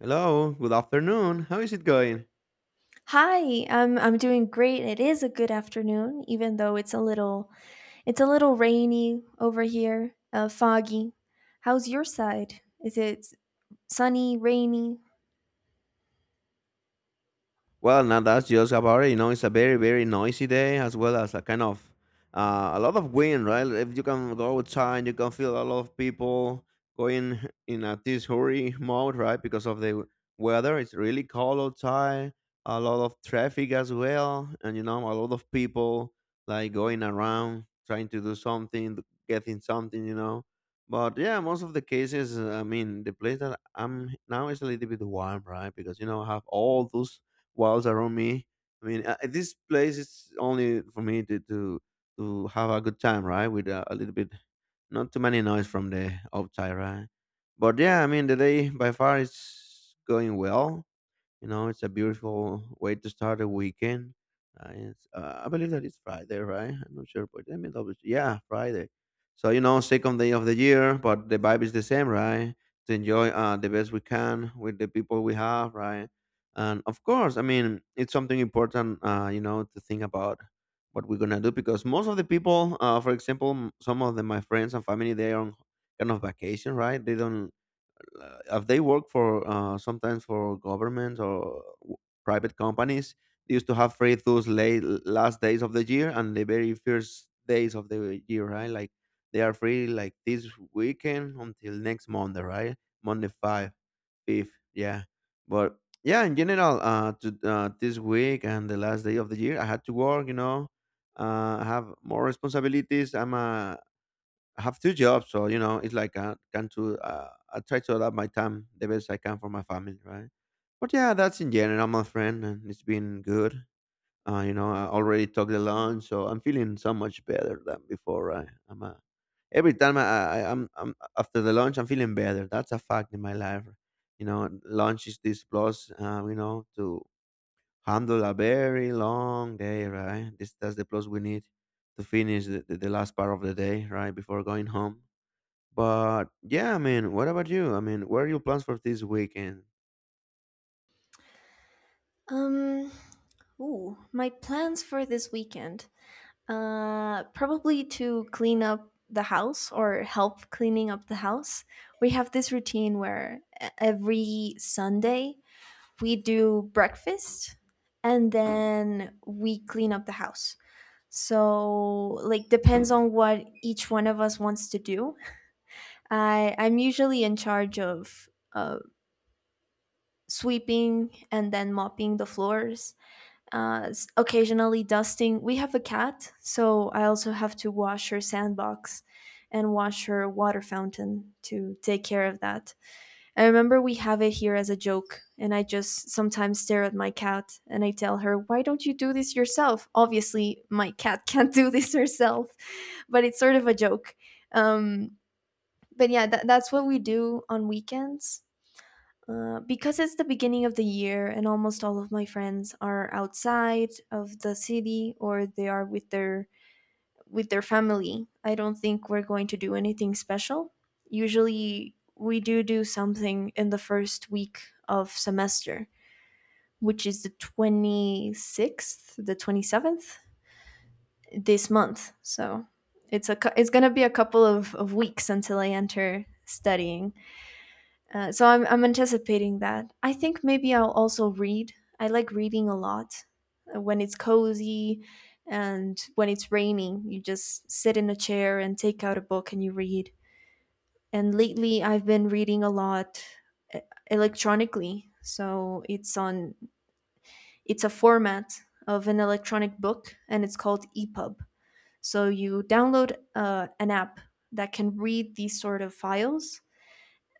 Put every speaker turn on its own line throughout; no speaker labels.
Hello, good afternoon. How is it going?
Hi, I'm doing great. It is a good afternoon, even though it's a little rainy over here, foggy. How's your side? Is it sunny, rainy?
Well, now that's just about it. You know, it's a very, very noisy day as well as a kind of a lot of wind, right? If you can go outside, you can feel a lot of people going in a this hurry mode, right? Because of the weather, it's really cold outside. A lot of traffic as well, and you know, a lot of people like going around trying to do something, getting something. But yeah, most of the cases, I mean, the place that I'm now is a little bit warm, right? Because I have all those walls around me. I mean, this place is only for me to have a good time, right? With a little bit, not too many noise from the outside, right? But yeah, I mean, the day by far is going well. You know, it's a beautiful way to start a weekend. I believe that it's Friday, right? I'm not sure, but let me double check. Yeah, Friday. So you know, second day of the year, but the vibe is the same, right? To enjoy the best we can with the people we have, right? And of course, I mean, it's something important, to think about what we're gonna do because most of the people, for example, some of my friends and family, they are on kind of vacation, right? They don't if they work for sometimes for governments or private companies. They used to have free those late last days of the year and the very first days of the year, right? Like they are free like this weekend until next Monday, right? Monday fifth, yeah. But yeah, in general, this week and the last day of the year I had to work, you know. I have more responsibilities. I have two jobs, so you know it's like I try to adapt my time the best I can for my family, right? But yeah, that's in general, my friend, and it's been good. You know, I already took the lunch, so I'm feeling so much better than before, right? I'm Every time I'm after the lunch, I'm feeling better. That's a fact in my life. You know, lunch is this plus, to handle a very long day, right? This That's the plus we need to finish the last part of the day, right, before going home. But yeah, I mean, what about you? I mean, what are your plans for this weekend?
Um, ooh, my plans for this weekend. Probably to clean up the house or help cleaning up the house. We have this routine where every Sunday we do breakfast and then we clean up the house. So, like, depends on what each one of us wants to do. I'm usually in charge of sweeping and then mopping the floors, occasionally dusting. We have a cat, so I also have to wash her sandbox and wash her water fountain, to take care of that. I remember we have it here as a joke, and I just sometimes stare at my cat and I tell her, "Why don't you do this yourself?" Obviously, my cat can't do this herself, but it's sort of a joke. Um, but yeah, that's what we do on weekends. Because it's the beginning of the year and almost all of my friends are outside of the city or they are with their family. I don't think we're going to do anything special. Usually, we do do something in the first week of semester, which is the 26th, the 27th this month. So, it's going to be a couple of weeks until I enter studying. So I'm anticipating that. I think maybe I'll also read. I like reading a lot when it's cozy and when it's raining. You just sit in a chair and take out a book and you read. And lately I've been reading a lot uh, electronically. So it's a format of an electronic book, and it's called EPUB. So you download an app that can read these sort of files,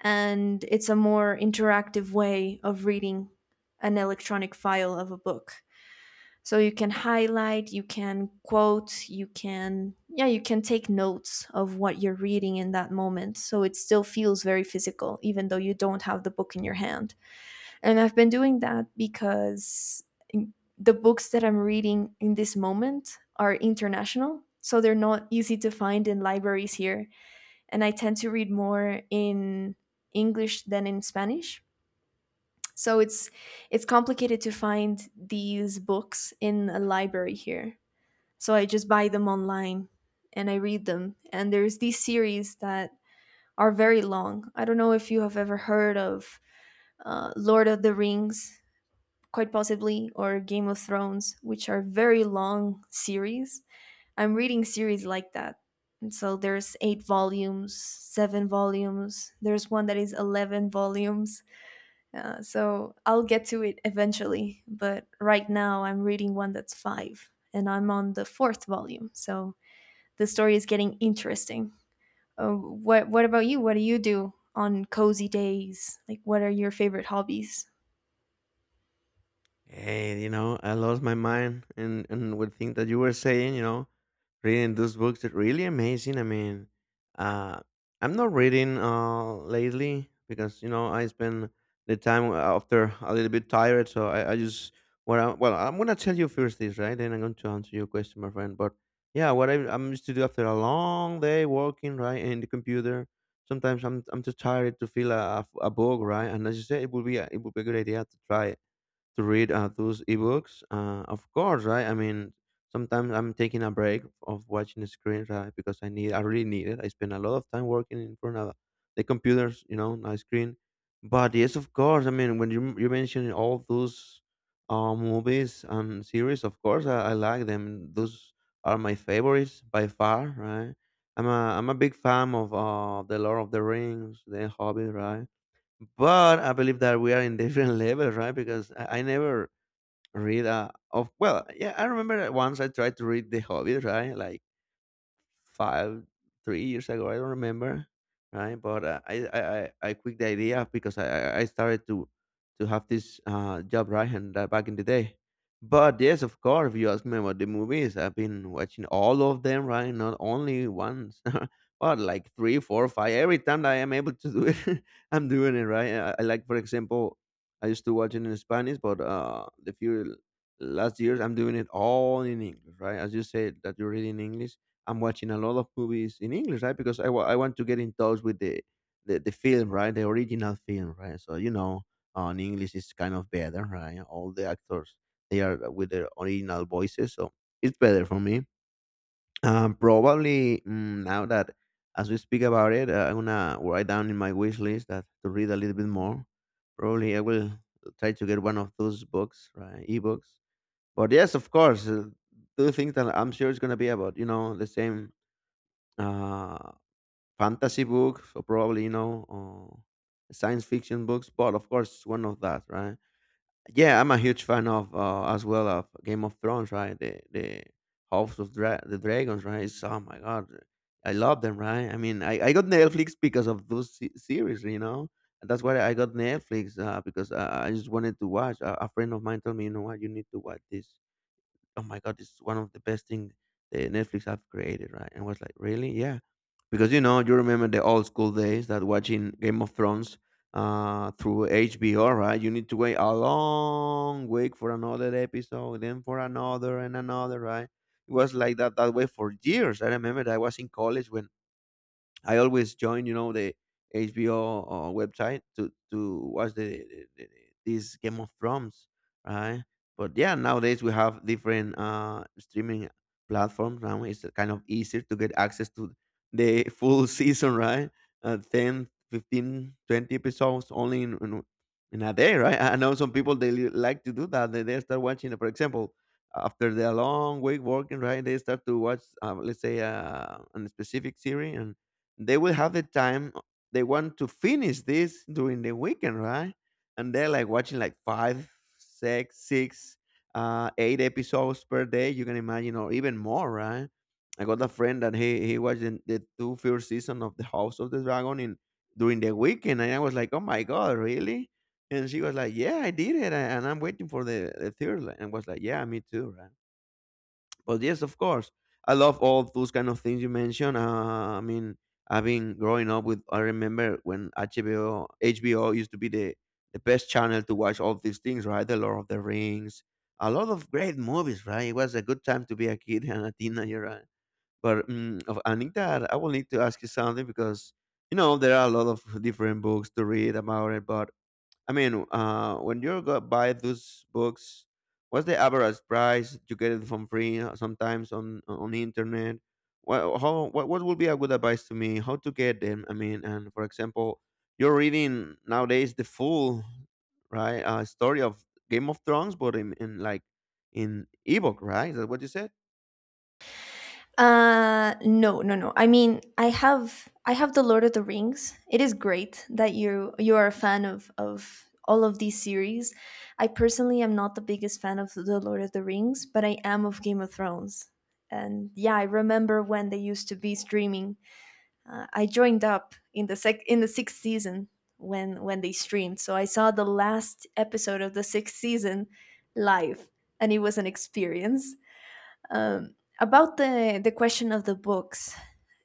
and it's a more interactive way of reading an electronic file of a book. So you can highlight, you can quote, you can, yeah, you can take notes of what you're reading in that moment. So it still feels very physical, even though you don't have the book in your hand. And I've been doing that because the books that I'm reading in this moment are international. So they're not easy to find in libraries here, and I tend to read more in English than in Spanish. So it's complicated to find these books in a library here. So I just buy them online and I read them. And there's these series that are very long. I don't know if you have ever heard of Lord of the Rings, quite possibly, or Game of Thrones, which are very long series. I'm reading series like that. And so there's eight volumes, seven volumes. There's one that is 11 volumes. So I'll get to it eventually. But right now I'm reading one that's five, and I'm on the fourth volume. So the story is getting interesting. What about you? What do you do on cozy days? Like, what are your favorite hobbies?
Hey, you know, I lost my mind and with thing that you were saying, reading those books are really amazing. I mean, uh, I'm not reading lately because you know I spend the time after a little bit tired, so I just well I'm gonna tell you first this, right? Then I'm going to answer your question, my friend. But yeah, I'm used to do after a long day working right in the computer, sometimes I'm too tired to feel a book, right? And as you said, it would be a good idea to try to read those ebooks. Of course, right? I mean, sometimes I'm taking a break of watching the screen, right? Because I need, I really need it. I spend a lot of time working in front of the computers, you know, my screen. But yes, of course. I mean, when you mentioned all those movies and series, of course, I like them. Those are my favorites by far, right? I'm a big fan of the Lord of the Rings, the Hobbit, right? But I believe that we are in different levels, right? Because I never read. Of well, yeah, I remember that once I tried to read The Hobbit, right? Like five, 3 years ago. I don't remember, right? But I quit the idea because I started to have this job, right? And back in the day. But yes, of course, if you ask me about the movies, I've been watching all of them, right? Not only once, but like three, four, five. Every time that I am able to do it, I'm doing it, right? I like, for example, I used to watch it in Spanish, but the few last years I'm doing it all in English, right? As you said that you read in English, I'm watching a lot of movies in English, right? Because I want to get in touch with the film, right? The original film, right? So you know, in English is kind of better, right? All the actors they are with their original voices, so it's better for me. Probably now that as we speak about it, I'm gonna write down in my wish list that to read a little bit more. Probably I will try to get one of those books, right? Ebooks. But yes, of course, do things that I'm sure it's gonna be about, the same uh, fantasy books or probably or science fiction books, but of course it's one of that, right? Yeah, I'm a huge fan of, as well, of Game of Thrones, right? The House of the Dragons, right? Oh my god, I love them, right? I mean, I got Netflix because of those series, you know. And that's why I got Netflix, because I just wanted to watch a, friend of mine told me, you know what, you need to watch this, oh my god, it's one of the best thing the Netflix have created, right? And I was like, really? Yeah, because you know you remember the old school days that watching Game of Thrones through HBO, right? You need to wait a long week for another episode, then for another and another, right? It was like that way for years. I remember that I was in college when I always join, you know, the HBO website to watch the these Game of Thrones, right? But yeah, nowadays we have different streaming platforms. Now it's kind of easier to get access to the full season, right? 10, 15, 20 episodes only in a day, right? I know some people they like to do that. They start watching, for example, after their long week working, right? They start to watch, let's say, a specific series and they will have the time they want to finish this during the weekend, right? And they're like watching like five six eight episodes per day, you can imagine, or even more, right? I got a friend that he watched the two first season of the House of the Dragon in during the weekend, and I was like, oh my god, really? And she was like, yeah, I did it and I'm waiting for the third one, and I was like, yeah, me too, right? But yes, of course, I love all those kind of things you mentioned. I mean, I've been growing up with. I remember when HBO used to be the best channel to watch all these things, right? The Lord of the Rings, a lot of great movies, right? It was a good time to be a kid and a teenager, right? But I think I will need to ask you something because you know there are a lot of different books to read about it. But I mean, when you go buy those books, what's the average price you get it from free sometimes on the internet? What would be a good advice to me? How to get them? I mean, and for example, you're reading nowadays the full right story of Game of Thrones, but in ebook, right? Is that what you said?
Uh, no. I mean, I have the Lord of the Rings. It is great that you are a fan of all of these series. I personally am not the biggest fan of the Lord of the Rings, but I am of Game of Thrones. And yeah, I remember when they used to be streaming. I joined up in the sec in the sixth season, when they streamed. So I saw the last episode of the sixth season live, and it was an experience. About the question of the books,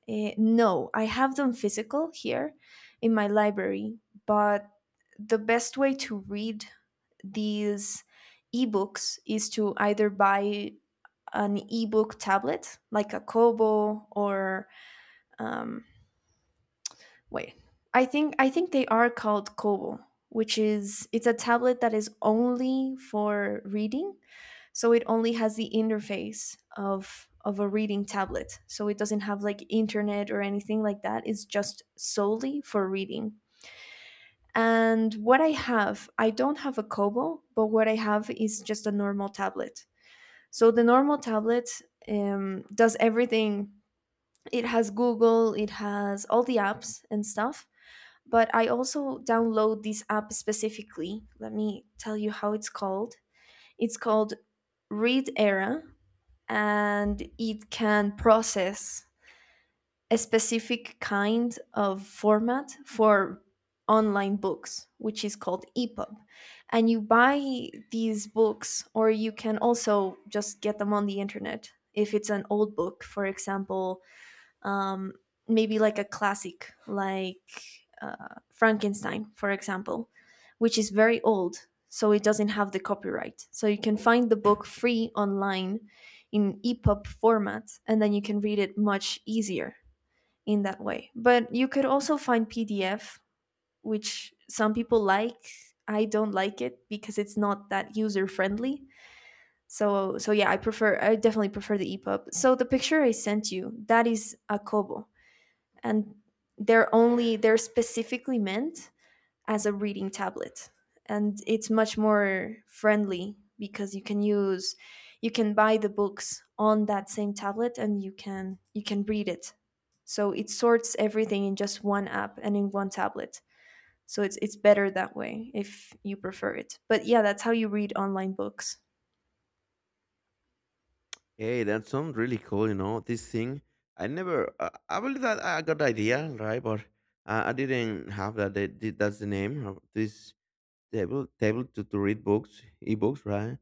eh, no, I have them physical here in my library, but the best way to read these ebooks is to either buy an ebook tablet like a Kobo or um, wait, I think they are called Kobo, which is, it's a tablet that is only for reading, so it only has the interface of a reading tablet, so it doesn't have like internet or anything like that. It's just solely for reading. And what I have, I don't have a Kobo, but what I have is just a normal tablet. So the normal tablet, does everything. It has Google, it has all the apps and stuff, but I also download this app specifically. Let me tell you how it's called. It's called Read Era, and it can process a specific kind of format for online books, which is called EPUB. And you buy these books, or you can also just get them on the internet. If it's an old book, for example, um, maybe like a classic like Frankenstein, for example, which is very old, so it doesn't have the copyright. So you can find the book free online in EPUB format, and then you can read it much easier in that way. But you could also find PDF, which some people like. I don't like it because it's not that user friendly. So yeah, I definitely prefer the EPUB. So the picture I sent you, that is a Kobo, and they're specifically meant as a reading tablet, and it's much more friendly because you can buy the books on that same tablet, and you can read it. So it sorts everything in just one app and in one tablet. So it's better that way if you prefer it. But yeah, that's how you read online books.
Hey, that's some really cool, this thing. I never, I believe that I got the idea, right? But I didn't have that. That's the name of this table to read books, ebooks, right?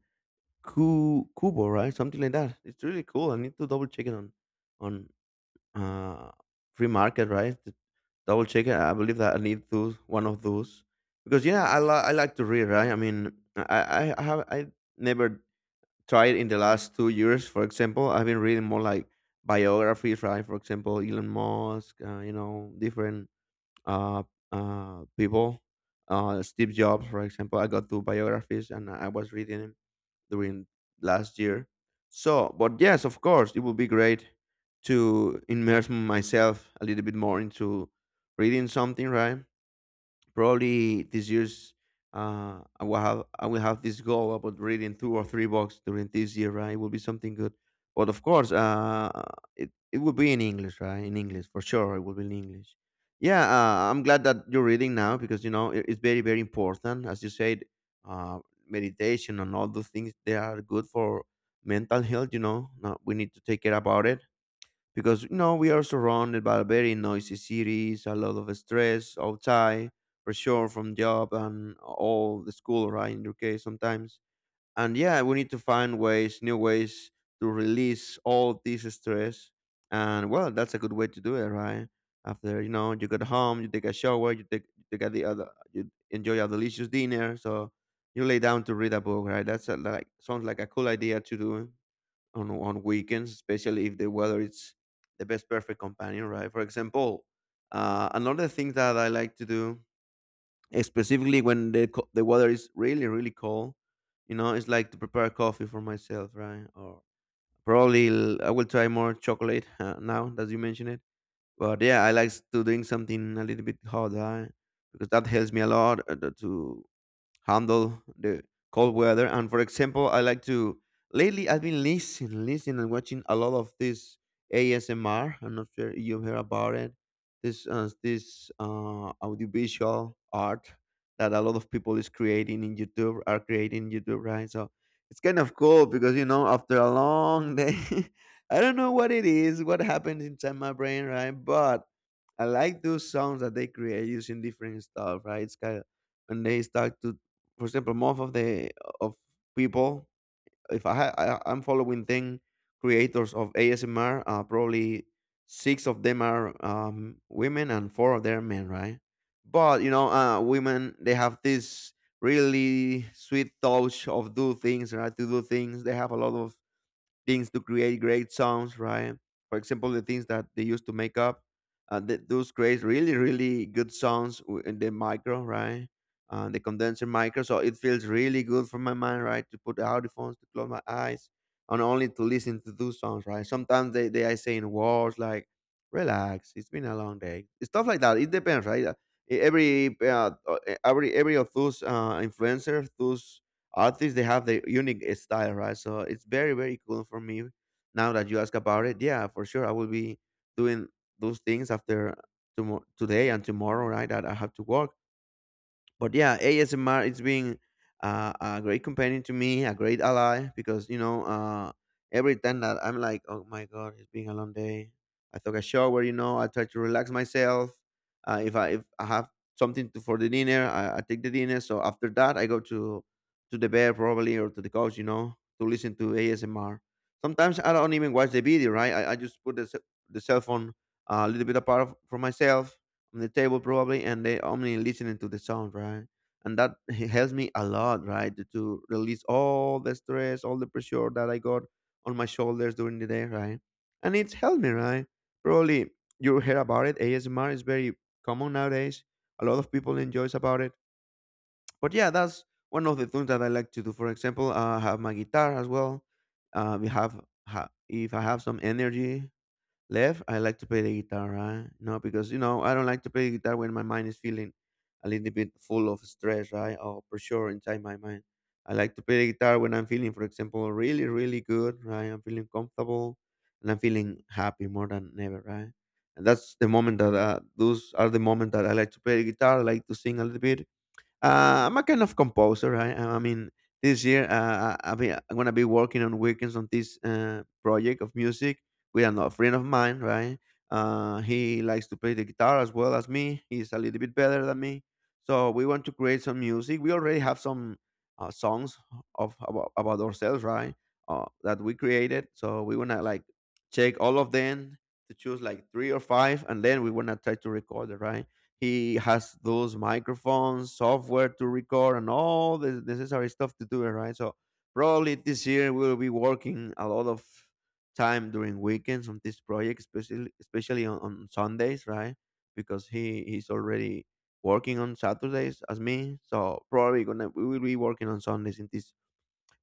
Kubo, right? Something like that. It's really cool. I need to double check it on uh, Free Market, right? To double check it. I believe that I need those, one of those. Because, yeah, I like to read, right? I mean, I never tried in the last 2 years. For example, I've been reading more like biographies, right? For example, Elon Musk, different uh, people. Steve Jobs, for example, I got two biographies and I was reading them during last year. So, but yes, of course, it would be great to immerse myself a little bit more into reading something, right? Probably this year's I will have this goal about reading two or three books during this year. Right, it will be something good. But of course, it will be in English, right? In English for sure, it will be in English. Yeah, I'm glad that you're reading now because it's very, very important. As you said, uh, meditation and all those things, they are good for mental health. Now we need to take care about it, because we are surrounded by very noisy cities, a lot of stress outside, pressure from job and all the school, right? In your case, sometimes, and yeah, we need to find ways, new ways to release all this stress, and well, that's a good way to do it, right? After you get home, you take a shower, you get the other, you enjoy a delicious dinner, so you lay down to read a book, right? Like sounds like a cool idea to do on weekends, especially if the weather is the best perfect companion, right? For example, another thing that I like to do, specifically when the weather is really, really cold. It's like to prepare coffee for myself, right? Or probably I will try more chocolate, now that you mention it. But yeah, I like to drink something a little bit hot, right? Because that helps me a lot, to handle the cold weather. And for example, I like to lately I've been listening and watching a lot of this ASMR. I'm not sure you heard about it. This audiovisual art that a lot of people is creating in YouTube are creating in YouTube, right? So it's kind of cool because after a long day, I don't know what it is, what happens inside my brain, right? But I like those songs that they create using different stuff, right? It's kind of when they start to, for example, most of the of people. If I, ha- I I'm following 10 creators of ASMR, probably six of them are women and four of them are men, right? But women, they have this really sweet touch of do things, right, to do things they have a lot of things to create great songs, right? For example, the things that they used to make up, those create really, really good songs in the micro, right? The condenser micro, so it feels really good for my mind, right? To put the headphones, to close my eyes, and only to listen to those songs, right? Sometimes they are saying words like "relax," "it's been a long day," stuff like that. It depends, right? E- Every uh, uh, every of those influencers, those artists, they have their unique style, right? So it's very, very cool for me now that you ask about it. Yeah, for sure I will be doing those things after tomorrow, today and tomorrow, right, that I have to work. But yeah, ASMR, it's been a great companion to me, a great ally, because every time that I'm like, "Oh my God, it's been a long day," I took a shower. You know, I try to relax myself. If I have something for the dinner, I take the dinner, so after that I go to the bed, probably, or to the couch, to listen to ASMR. Sometimes I don't even watch the video, right? I just put the cell phone, a little bit apart for myself on the table probably, and they only listening to the sound, right? And that helps me a lot, right, to release all the stress, all the pressure that I got on my shoulders during the day, right? And it's helped me, right? Probably you hear about it. ASMR is very common nowadays. A lot of people enjoys about it. But yeah, that's one of the things that I like to do. For example, I have my guitar as well. Uh, we have ha- if I have some energy left, I like to play the guitar, right? No, because I don't like to play guitar when my mind is feeling a little bit full of stress, right? Or pressure inside my mind. I like to play the guitar when I'm feeling, for example, really, really good, right? I'm feeling comfortable, and I'm feeling happy more than ever, right? And that's the moment that those are the moment that I like to play the guitar. I like to sing a little bit, I'm a kind of composer, right? I mean, this year, I'm gonna be working on weekends on this project of music with another friend of mine, right? He likes to play the guitar as well as me. He's a little bit better than me, so we want to create some music. We already have some songs of about ourselves, right? That we created. So we wanna like check all of them to choose like three or five, and then we wanna try to record it, right? He has those microphones, software to record, and all the necessary stuff to do it, right? So probably this year we'll be working a lot of time during weekends on this project, especially on, Sundays, right? Because he's already working on Saturdays as me, so probably gonna we will be working on Sundays in this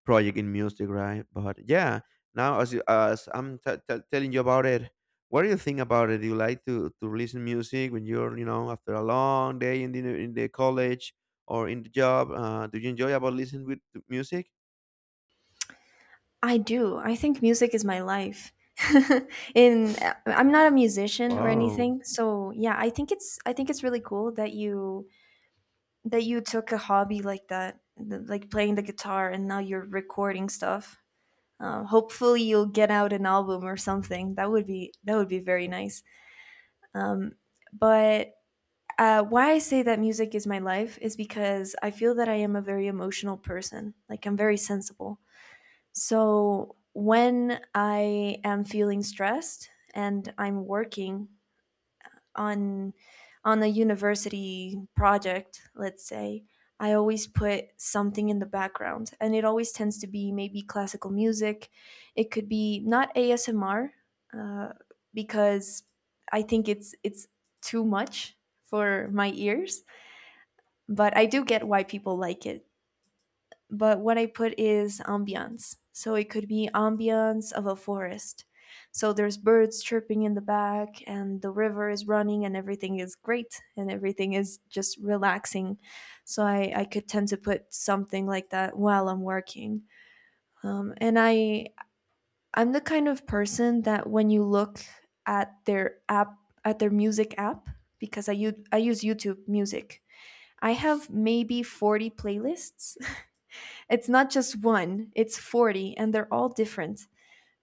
project in music, right? But yeah, now as I'm telling you about it, what do you think about it? Do you like to listen music when you're you know after a long day in the college or in the job? Do you enjoy about listening with to music?
I do. I think music is my life. In I'm not a musician or
Wow.
anything, so yeah, I think it's really cool that you took a hobby like that, like playing the guitar, and now you're recording stuff. Hopefully, you'll get out an album or something. That would be very nice. But why I say that music is my life is because I feel that I am a very emotional person. Like, I'm very sensible. So when I am feeling stressed and I'm working on on a university project, let's say, I always put something in the background, and it always tends to be maybe classical music. It could be not ASMR, uh, because I think it's too much for my ears, but I do get why people like it. But what I put is ambiance. So it could be ambiance of a forest. So there's birds chirping in the back, and the river is running, and everything is great, and everything is just relaxing. So I could tend to put something like that while I'm working. And I'm the kind of person that when you look at their app, at their music app, because I use YouTube Music. I have maybe 40 playlists. It's not just one, it's 40, and they're all different.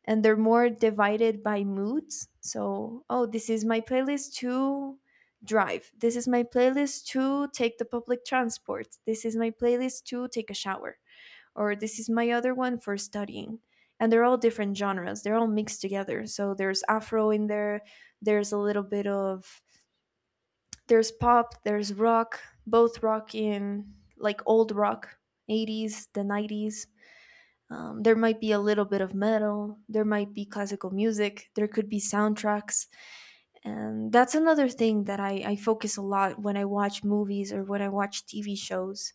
And they're more divided by moods. So, oh, this is my playlist to drive. This is my playlist to take the public transport. This is my playlist to take a shower. Or this is my other one for studying. And they're all different genres. They're all mixed together. So there's afro in there, there's a little bit of there's pop, there's rock, both rock in, like, old rock, 80s, the 90s, there might be a little bit of metal, there might be classical music, there could be soundtracks. And that's another thing that I focus a lot when I watch movies or when I watch TV shows.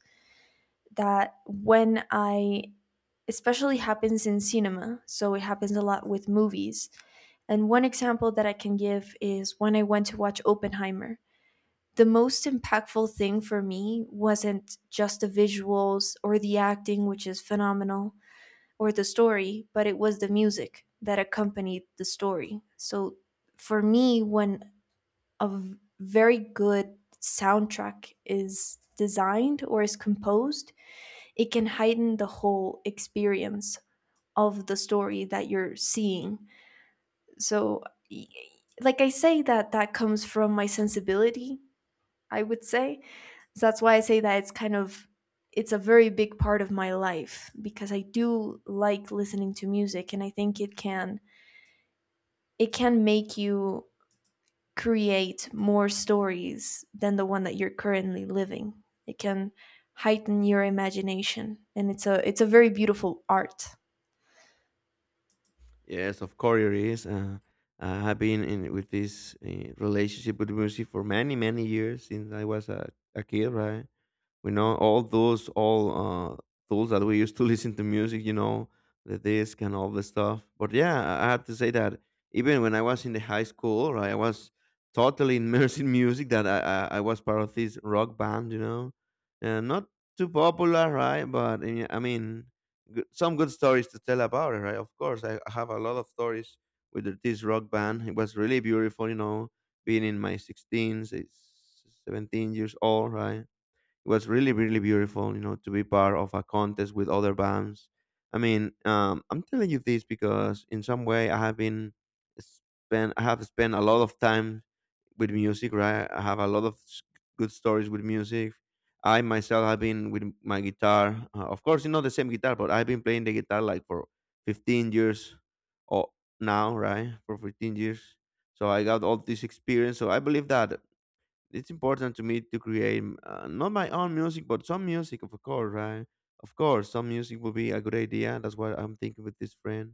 That when I, especially happens in cinema, so it happens a lot with movies. And one example that I can give is when I went to watch Oppenheimer. The most impactful thing for me wasn't just the visuals or the acting, which is phenomenal, or the story, but it was the music that accompanied the story. So for me, when a very good soundtrack is designed or is composed, it can heighten the whole experience of the story that you're seeing. So, like, I say that that comes from my sensibility, I would say. So that's why I say that it's kind of it's a very big part of my life, because I do like listening to music, and I think it can make you create more stories than the one that you're currently living. It can heighten your imagination, and it's a very beautiful art.
Yes, of course it is. I have been in with this relationship with music for many, many years, since I was a kid, right? We know all those all tools that we use to listen to music, the disc and all the stuff. But yeah, I have to say that even when I was in the high school, right, I was totally immersed in music, that I was part of this rock band, and not too popular, right? But I mean, some good stories to tell about it, right? Of course I have a lot of stories with this rock band. It was really beautiful, being in my 16s, it's 17 years old, right? It was really, really beautiful, you know, to be part of a contest with other bands. I mean, I'm telling you this because in some way I have been spent, I have spent a lot of time with music, right? I have a lot of good stories with music. I myself have been with my guitar. Of course, it's not the same guitar, but I've been playing the guitar like for 15 years or now, right? For 15 years. So I got all this experience. So I believe that it's important to me to create, not my own music, but some music, of course, right? Of course, some music will be a good idea. That's what I'm thinking with this friend.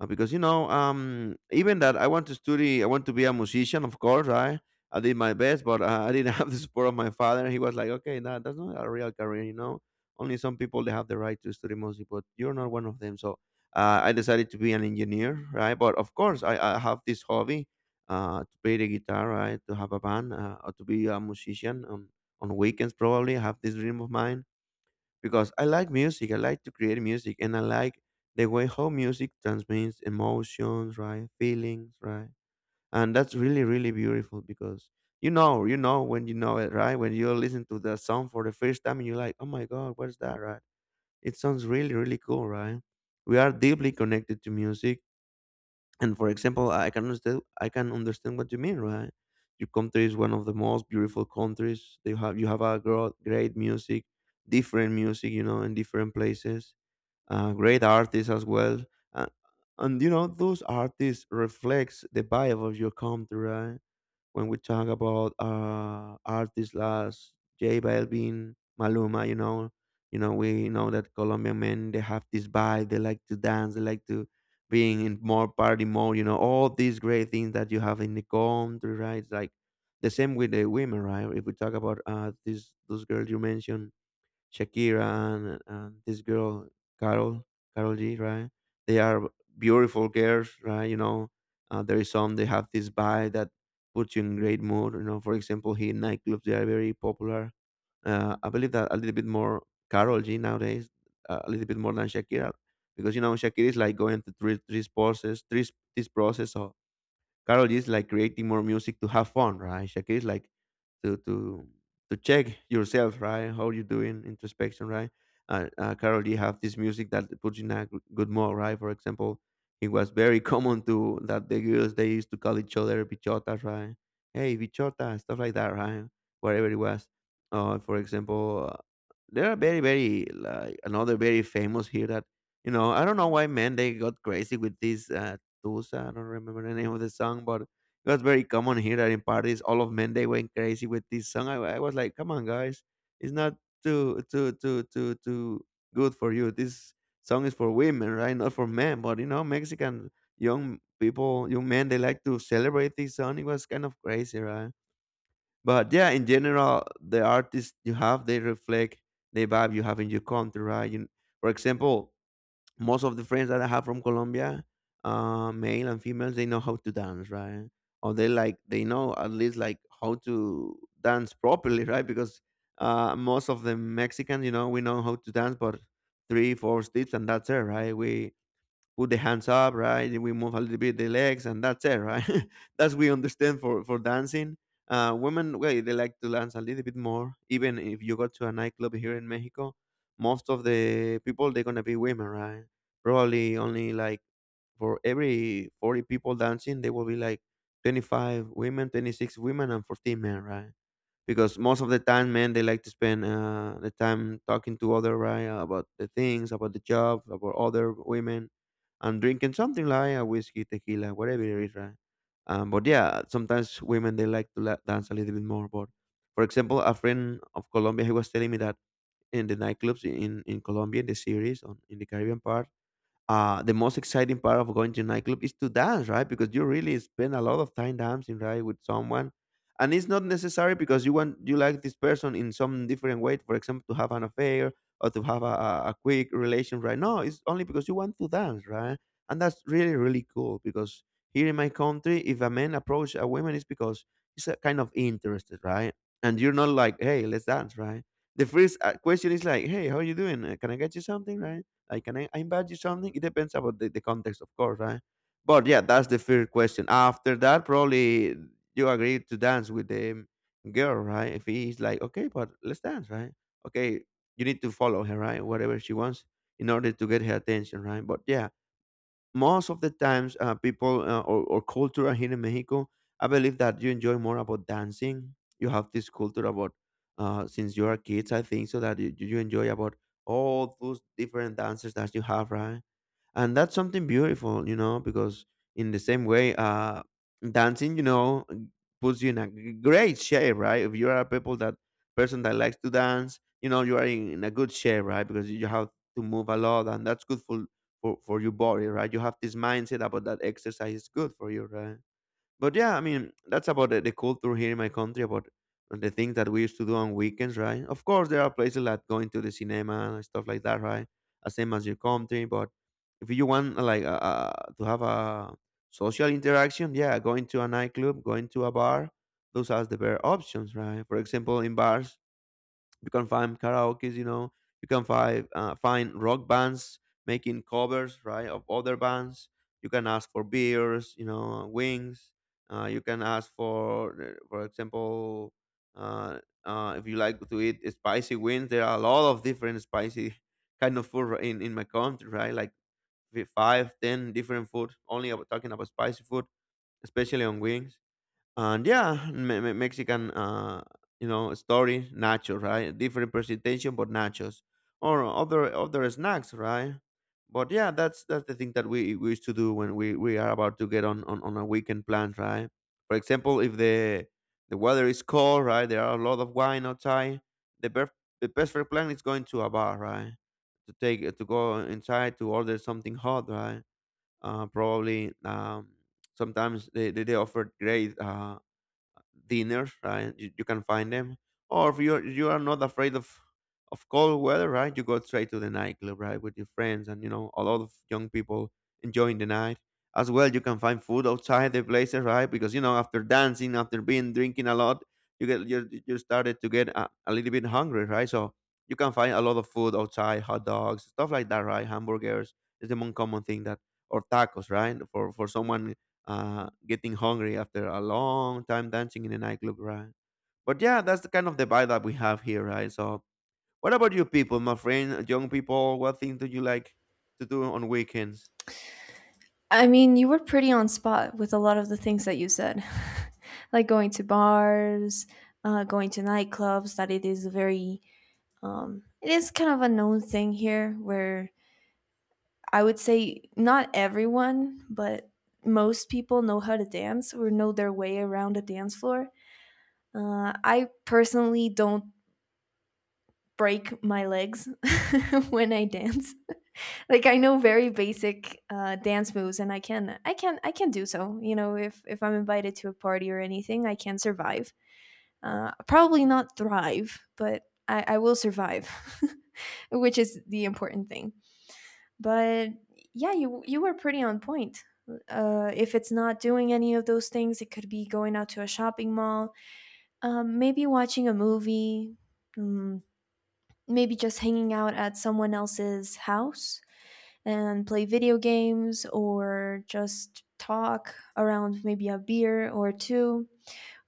Because even that I want to study, I want to be a musician, of course. I did my best, but I didn't have the support of my father. He was like, "Okay, no, that's not a real career, you know. Only some people they have the right to study music, but you're not one of them." So I decided to be an engineer, right? But of course, I have this hobby, to play the guitar, right? To have a band, or to be a musician on weekends. Probably I have this dream of mine because I like music. I like to create music, and I like the way how music transmits emotions, right? Feelings, right? And that's really, really beautiful because you know when you know it, right? When you listen to the song for the first time, and you're like, "Oh my God, what is that?" Right? It sounds really, really cool, right? We are deeply connected to music and for example, I can understand what you mean, right? Your country is one of the most beautiful countries. They have you have a great music, different music, you know, in different places. Great artists as well, uh, and you know those artists reflects the vibe of your country, right? When we talk about artists like J Balvin, Maluma, you know, we know that Colombian men they have this vibe, they like to dance, they like to being in more party mode, you know, all these great things that you have in the country, right? It's like the same with the women, right? If we talk about these those girls you mentioned, Shakira and this girl Carol Carol G, right? They are beautiful girls, right? You know, there is some they have this vibe that puts you in great mood. You know, for example, here in nightclubs they are very popular. I believe that a little bit more Carol G nowadays, a little bit more than Shakira, because you know Shakira is like going through three process, three this process of. Carol is like creating more music to have fun, right? Shakira is like to to to check yourself, right? How you doing introspection, right? Carol D have this music that puts you in a good mood, right? For example, it was very common to that the girls they used to call each other bichotas, right? Hey, bichota, stuff like that, right? Whatever it was. For example, there are very, very like another very famous here that you know I don't know why men they got crazy with this Tusa. I don't remember the name of the song, but it was very common here that in parties all of men they went crazy with this song. I was like, come on, guys, it's not too good for you. This song is for women, right? Not for men. But you know, Mexican young people, young men, they like to celebrate this song. It was kind of crazy, right? But yeah, in general, the artists you have they reflect the vibe you have in your country, right? You, for example, most of the friends that I have from Colombia, male and females, they know how to dance, right? Or they know at least like how to dance properly, right? Because most of the Mexicans, you know, we know how to dance, but three, four steps and that's it, right? We put the hands up, right? We move a little bit the legs, and that's it, right? That's we understand for dancing. Women, well, they like to dance a little bit more. Even if you go to a nightclub here in Mexico, most of the people they're gonna be women, right? Probably only like for every 40 people dancing, there will be like 25 women, 26 women, and 14 men, right? Because most of the time, men they like to spend the time talking to other right about the things, about the job, about other women, and drinking something like a whiskey, tequila, whatever it is, right? But yeah, sometimes women they like to dance a little bit more. But for example, a friend of Colombia, he was telling me that in the nightclubs in Colombia, in the series on in the Caribbean part, the most exciting part of going to nightclub is to dance, right? Because you really spend a lot of time dancing, right, with someone, and it's not necessary because you like this person in some different way. For example, to have an affair or to have a, a quick relation, right? No, it's only because you want to dance, right? And that's really really cool because here in my country, if a man approach a woman, it's because he's a kind of interested, right? And you're not like, hey, let's dance, right? The first question is like, hey, how are you doing? Can I get you something, right? I can I invite you something? It depends about the context, of course, right? But yeah, that's the first question. After that, probably you agree to dance with the girl, right? If he's like, okay, but let's dance, right? Okay, you need to follow her, right? Whatever she wants in order to get her attention, right? But yeah, most of the times people or culture here in Mexico, I believe that you enjoy more about dancing. You have this culture about since you are kids, I think so that you enjoy about all those different dances that you have, right? And that's something beautiful, you know, because in the same way dancing, you know, puts you in a great shape, right? If you are a people that person that likes to dance, you know you are in a good shape, right? Because you have to move a lot and that's good for for your body, right? You have this mindset about that exercise is good for you, right? But yeah, I mean, that's about the culture here in my country, about the things that we used to do on weekends, right? Of course, there are places like going to the cinema and stuff like that, right? The same as your country, but if you want to have a social interaction, yeah, going to a nightclub, going to a bar, those are the better options, right? For example, in bars, you can find karaoke's, you know. You can find rock bands making covers, right, of other bands. You can ask for beers, you know, wings. You can ask for example, uh, if you like to eat spicy wings. There are a lot of different spicy kind of food in my country, right? Like five, ten different food. Only about talking about spicy food, especially on wings. And yeah, Mexican, you know, story nachos, right? Different presentation, but nachos or other snacks, right? But yeah, that's the thing that we used to do when we are about to get on a weekend plan, right? For example, if the weather is cold, right, there are a lot of wine outside. The best the best for plan is going to a bar, right? To go inside to order something hot, right? Probably sometimes they offer great dinners, right? You can find them. Or if you are not afraid of cold weather, right? You go straight to the nightclub, right, with your friends, and you know a lot of young people enjoying the night as well. You can find food outside the places, right? Because you know after dancing, after being drinking a lot, you get you started to get a little bit hungry, right? So you can find a lot of food outside, hot dogs, stuff like that, right? Hamburgers is the most common thing that or tacos, right? For someone getting hungry after a long time dancing in a nightclub, right? But yeah, that's the kind of the vibe that we have here, right? So, what about you people, my friend, young people? What thing do you like to do on weekends?
I mean, you were pretty on spot with a lot of the things that you said. Like, going to bars, going to nightclubs, that it is a very it is kind of a known thing here where I would say not everyone, but most people know how to dance or know their way around a dance floor. I personally don't break my legs when I dance. Like I know very basic dance moves, and I can do so. You know, if I'm invited to a party or anything, I can survive. Probably not thrive, but I will survive, which is the important thing. But yeah, you were pretty on point. If it's not doing any of those things, it could be going out to a shopping mall, maybe watching a movie, mm, maybe just hanging out at someone else's house and play video games, or just talk around maybe a beer or two,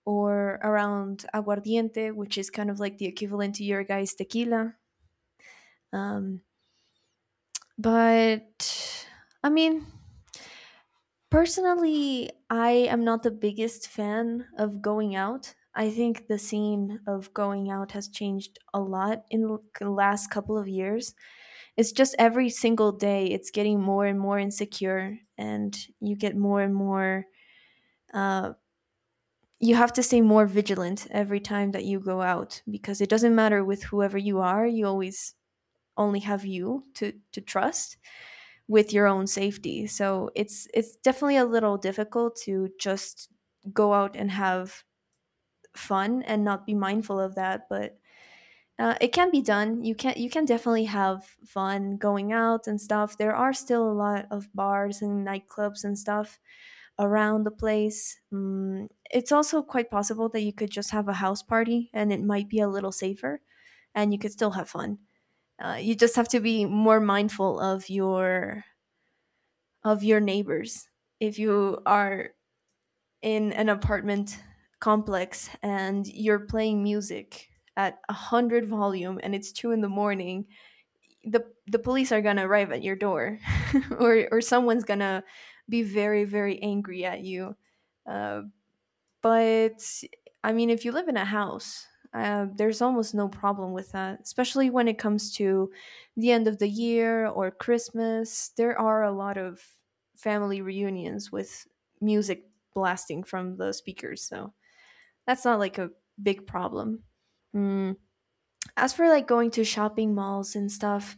or around aguardiente, which is kind of like the equivalent to your guys tequila. um, but I mean, Personally, I am not the biggest fan of going out. I think the scene of going out has changed a lot in the last couple of years. It's just every single day it's getting more and more insecure, and you get more and more. Uh, you have to stay more vigilant every time that you go out, because it doesn't matter with whoever you are, you always only have you to trust with your own safety. So it's definitely a little difficult to just go out and have fun and not be mindful of that, but it can be done. You can, you can definitely have fun going out and stuff. There are still a lot of bars and nightclubs and stuff around the place. Mm, it's also quite possible that you could just have a house party, and it might be a little safer, and you could still have fun. You just have to be more mindful of your neighbors if you are in an apartment complex and you're playing music at a hundred volume and it's two in the morning, the police are gonna arrive at your door, or someone's gonna be very very angry at you. uh, but if you live in a house, there's almost no problem with that, especially when it comes to the end of the year or Christmas. There are a lot of family reunions with music blasting from the speakers, so that's not like a big problem. Mm. As for like going to shopping malls and stuff,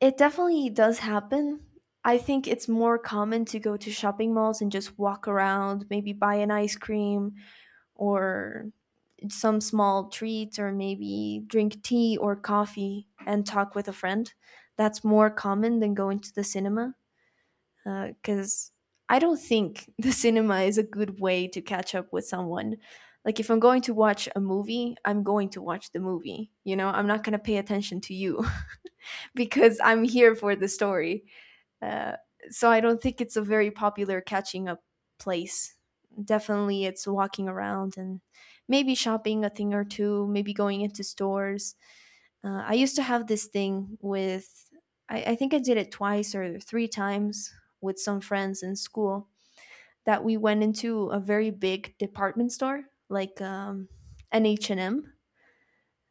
it definitely does happen. I think it's more common to go to shopping malls and just walk around, maybe buy an ice cream or some small treats, or maybe drink tea or coffee and talk with a friend. That's more common than going to the cinema, because I don't think the cinema is a good way to catch up with someone. Like, if I'm going to watch a movie, I'm going to watch the movie. You know, I'm not going to pay attention to you because I'm here for the story. Uh, so I don't think it's a very popular catching up place. Definitely, it's walking around and maybe shopping a thing or two, maybe going into stores. I used to have this thing with, I think I did it twice or three times with some friends in school, that we went into a very big department store, like an H&M,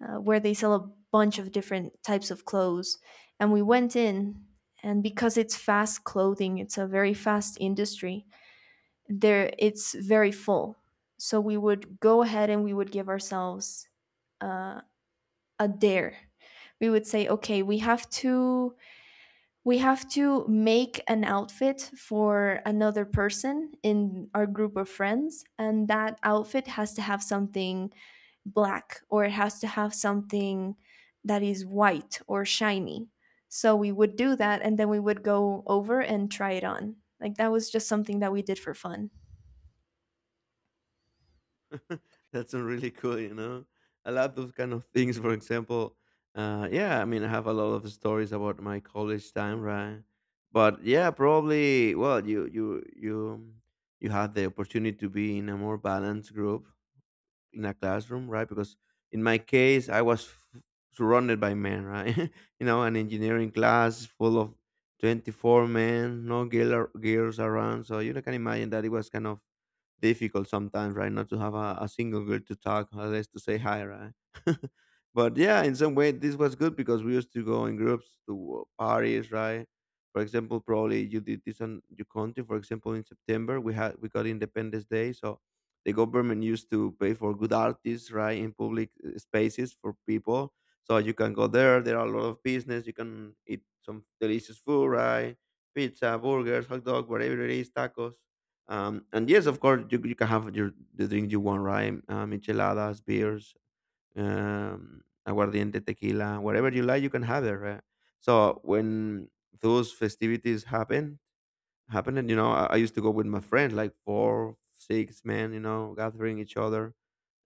where they sell a bunch of different types of clothes. And we went in, and because it's fast clothing, it's a very fast industry. There, it's very full. So we would go ahead and we would give ourselves uh, a dare. We would say, okay, we have to make an outfit for another person in our group of friends, and that outfit has to have something black, or it has to have something that is white or shiny. So we would do that and then we would go over and try it on. Like that was just something that we did for fun.
That's really cool, you know. I love those kind of things. For example, yeah, I mean, I have a lot of stories about my college time, right? But yeah, probably. Well, you had the opportunity to be in a more balanced group, in a classroom, right? Because in my case, I was surrounded by men, right? You know, an engineering class full of 24 men, no girls around. So you know, can imagine that it was kind of difficult sometimes, right? Not to have a single girl to talk, or less to say hi, right? But yeah, in some way, this was good because we used to go in groups to parties, right? For example, probably you did this on your country. For example, in September, we got Independence Day, so the government used to pay for good artists, right, in public spaces for people. So you can go there. There are a lot of business. You can eat some delicious food, right? Pizza, burgers, hot dog, whatever it is, tacos. And yes, of course, you can have your the drink you want, right? Micheladas, beers, aguardiente, tequila, whatever you like, you can have it, right? So when those festivities happen, and you know, I used to go with my friends, like four, six men, you know, gathering each other,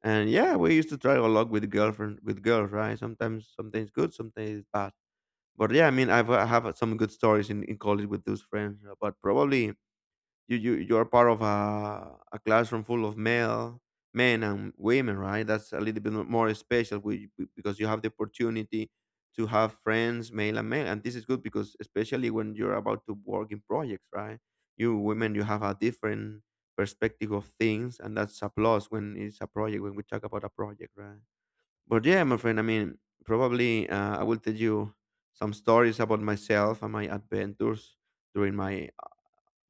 and yeah, we used to try a lot with girls, right? Sometimes, sometimes good, sometimes bad. But yeah, I mean, I have some good stories in college with those friends, but probably you're part of a classroom full of male men and women, right? That's a little bit more special because you have the opportunity to have friends male and male, and this is good because especially when you're about to work in projects, right? You women you have a different perspective of things, and that's a plus when it's a project when we talk about a project, right? But yeah, my friend, I mean, probably I will tell you some stories about myself and my adventures during my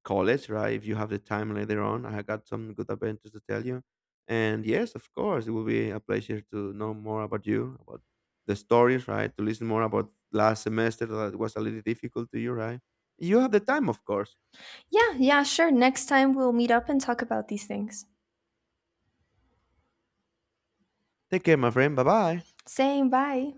college, right? If you have the time later on, I got some good adventures to tell you. And yes, of course, it will be a pleasure to know more about you, about the stories, right? To listen more about last semester that was a little difficult to you, right? You have the time, of course.
Yeah, yeah, sure. Next time we'll meet up and talk about these things.
Take care, my friend. Bye bye.
Saying bye.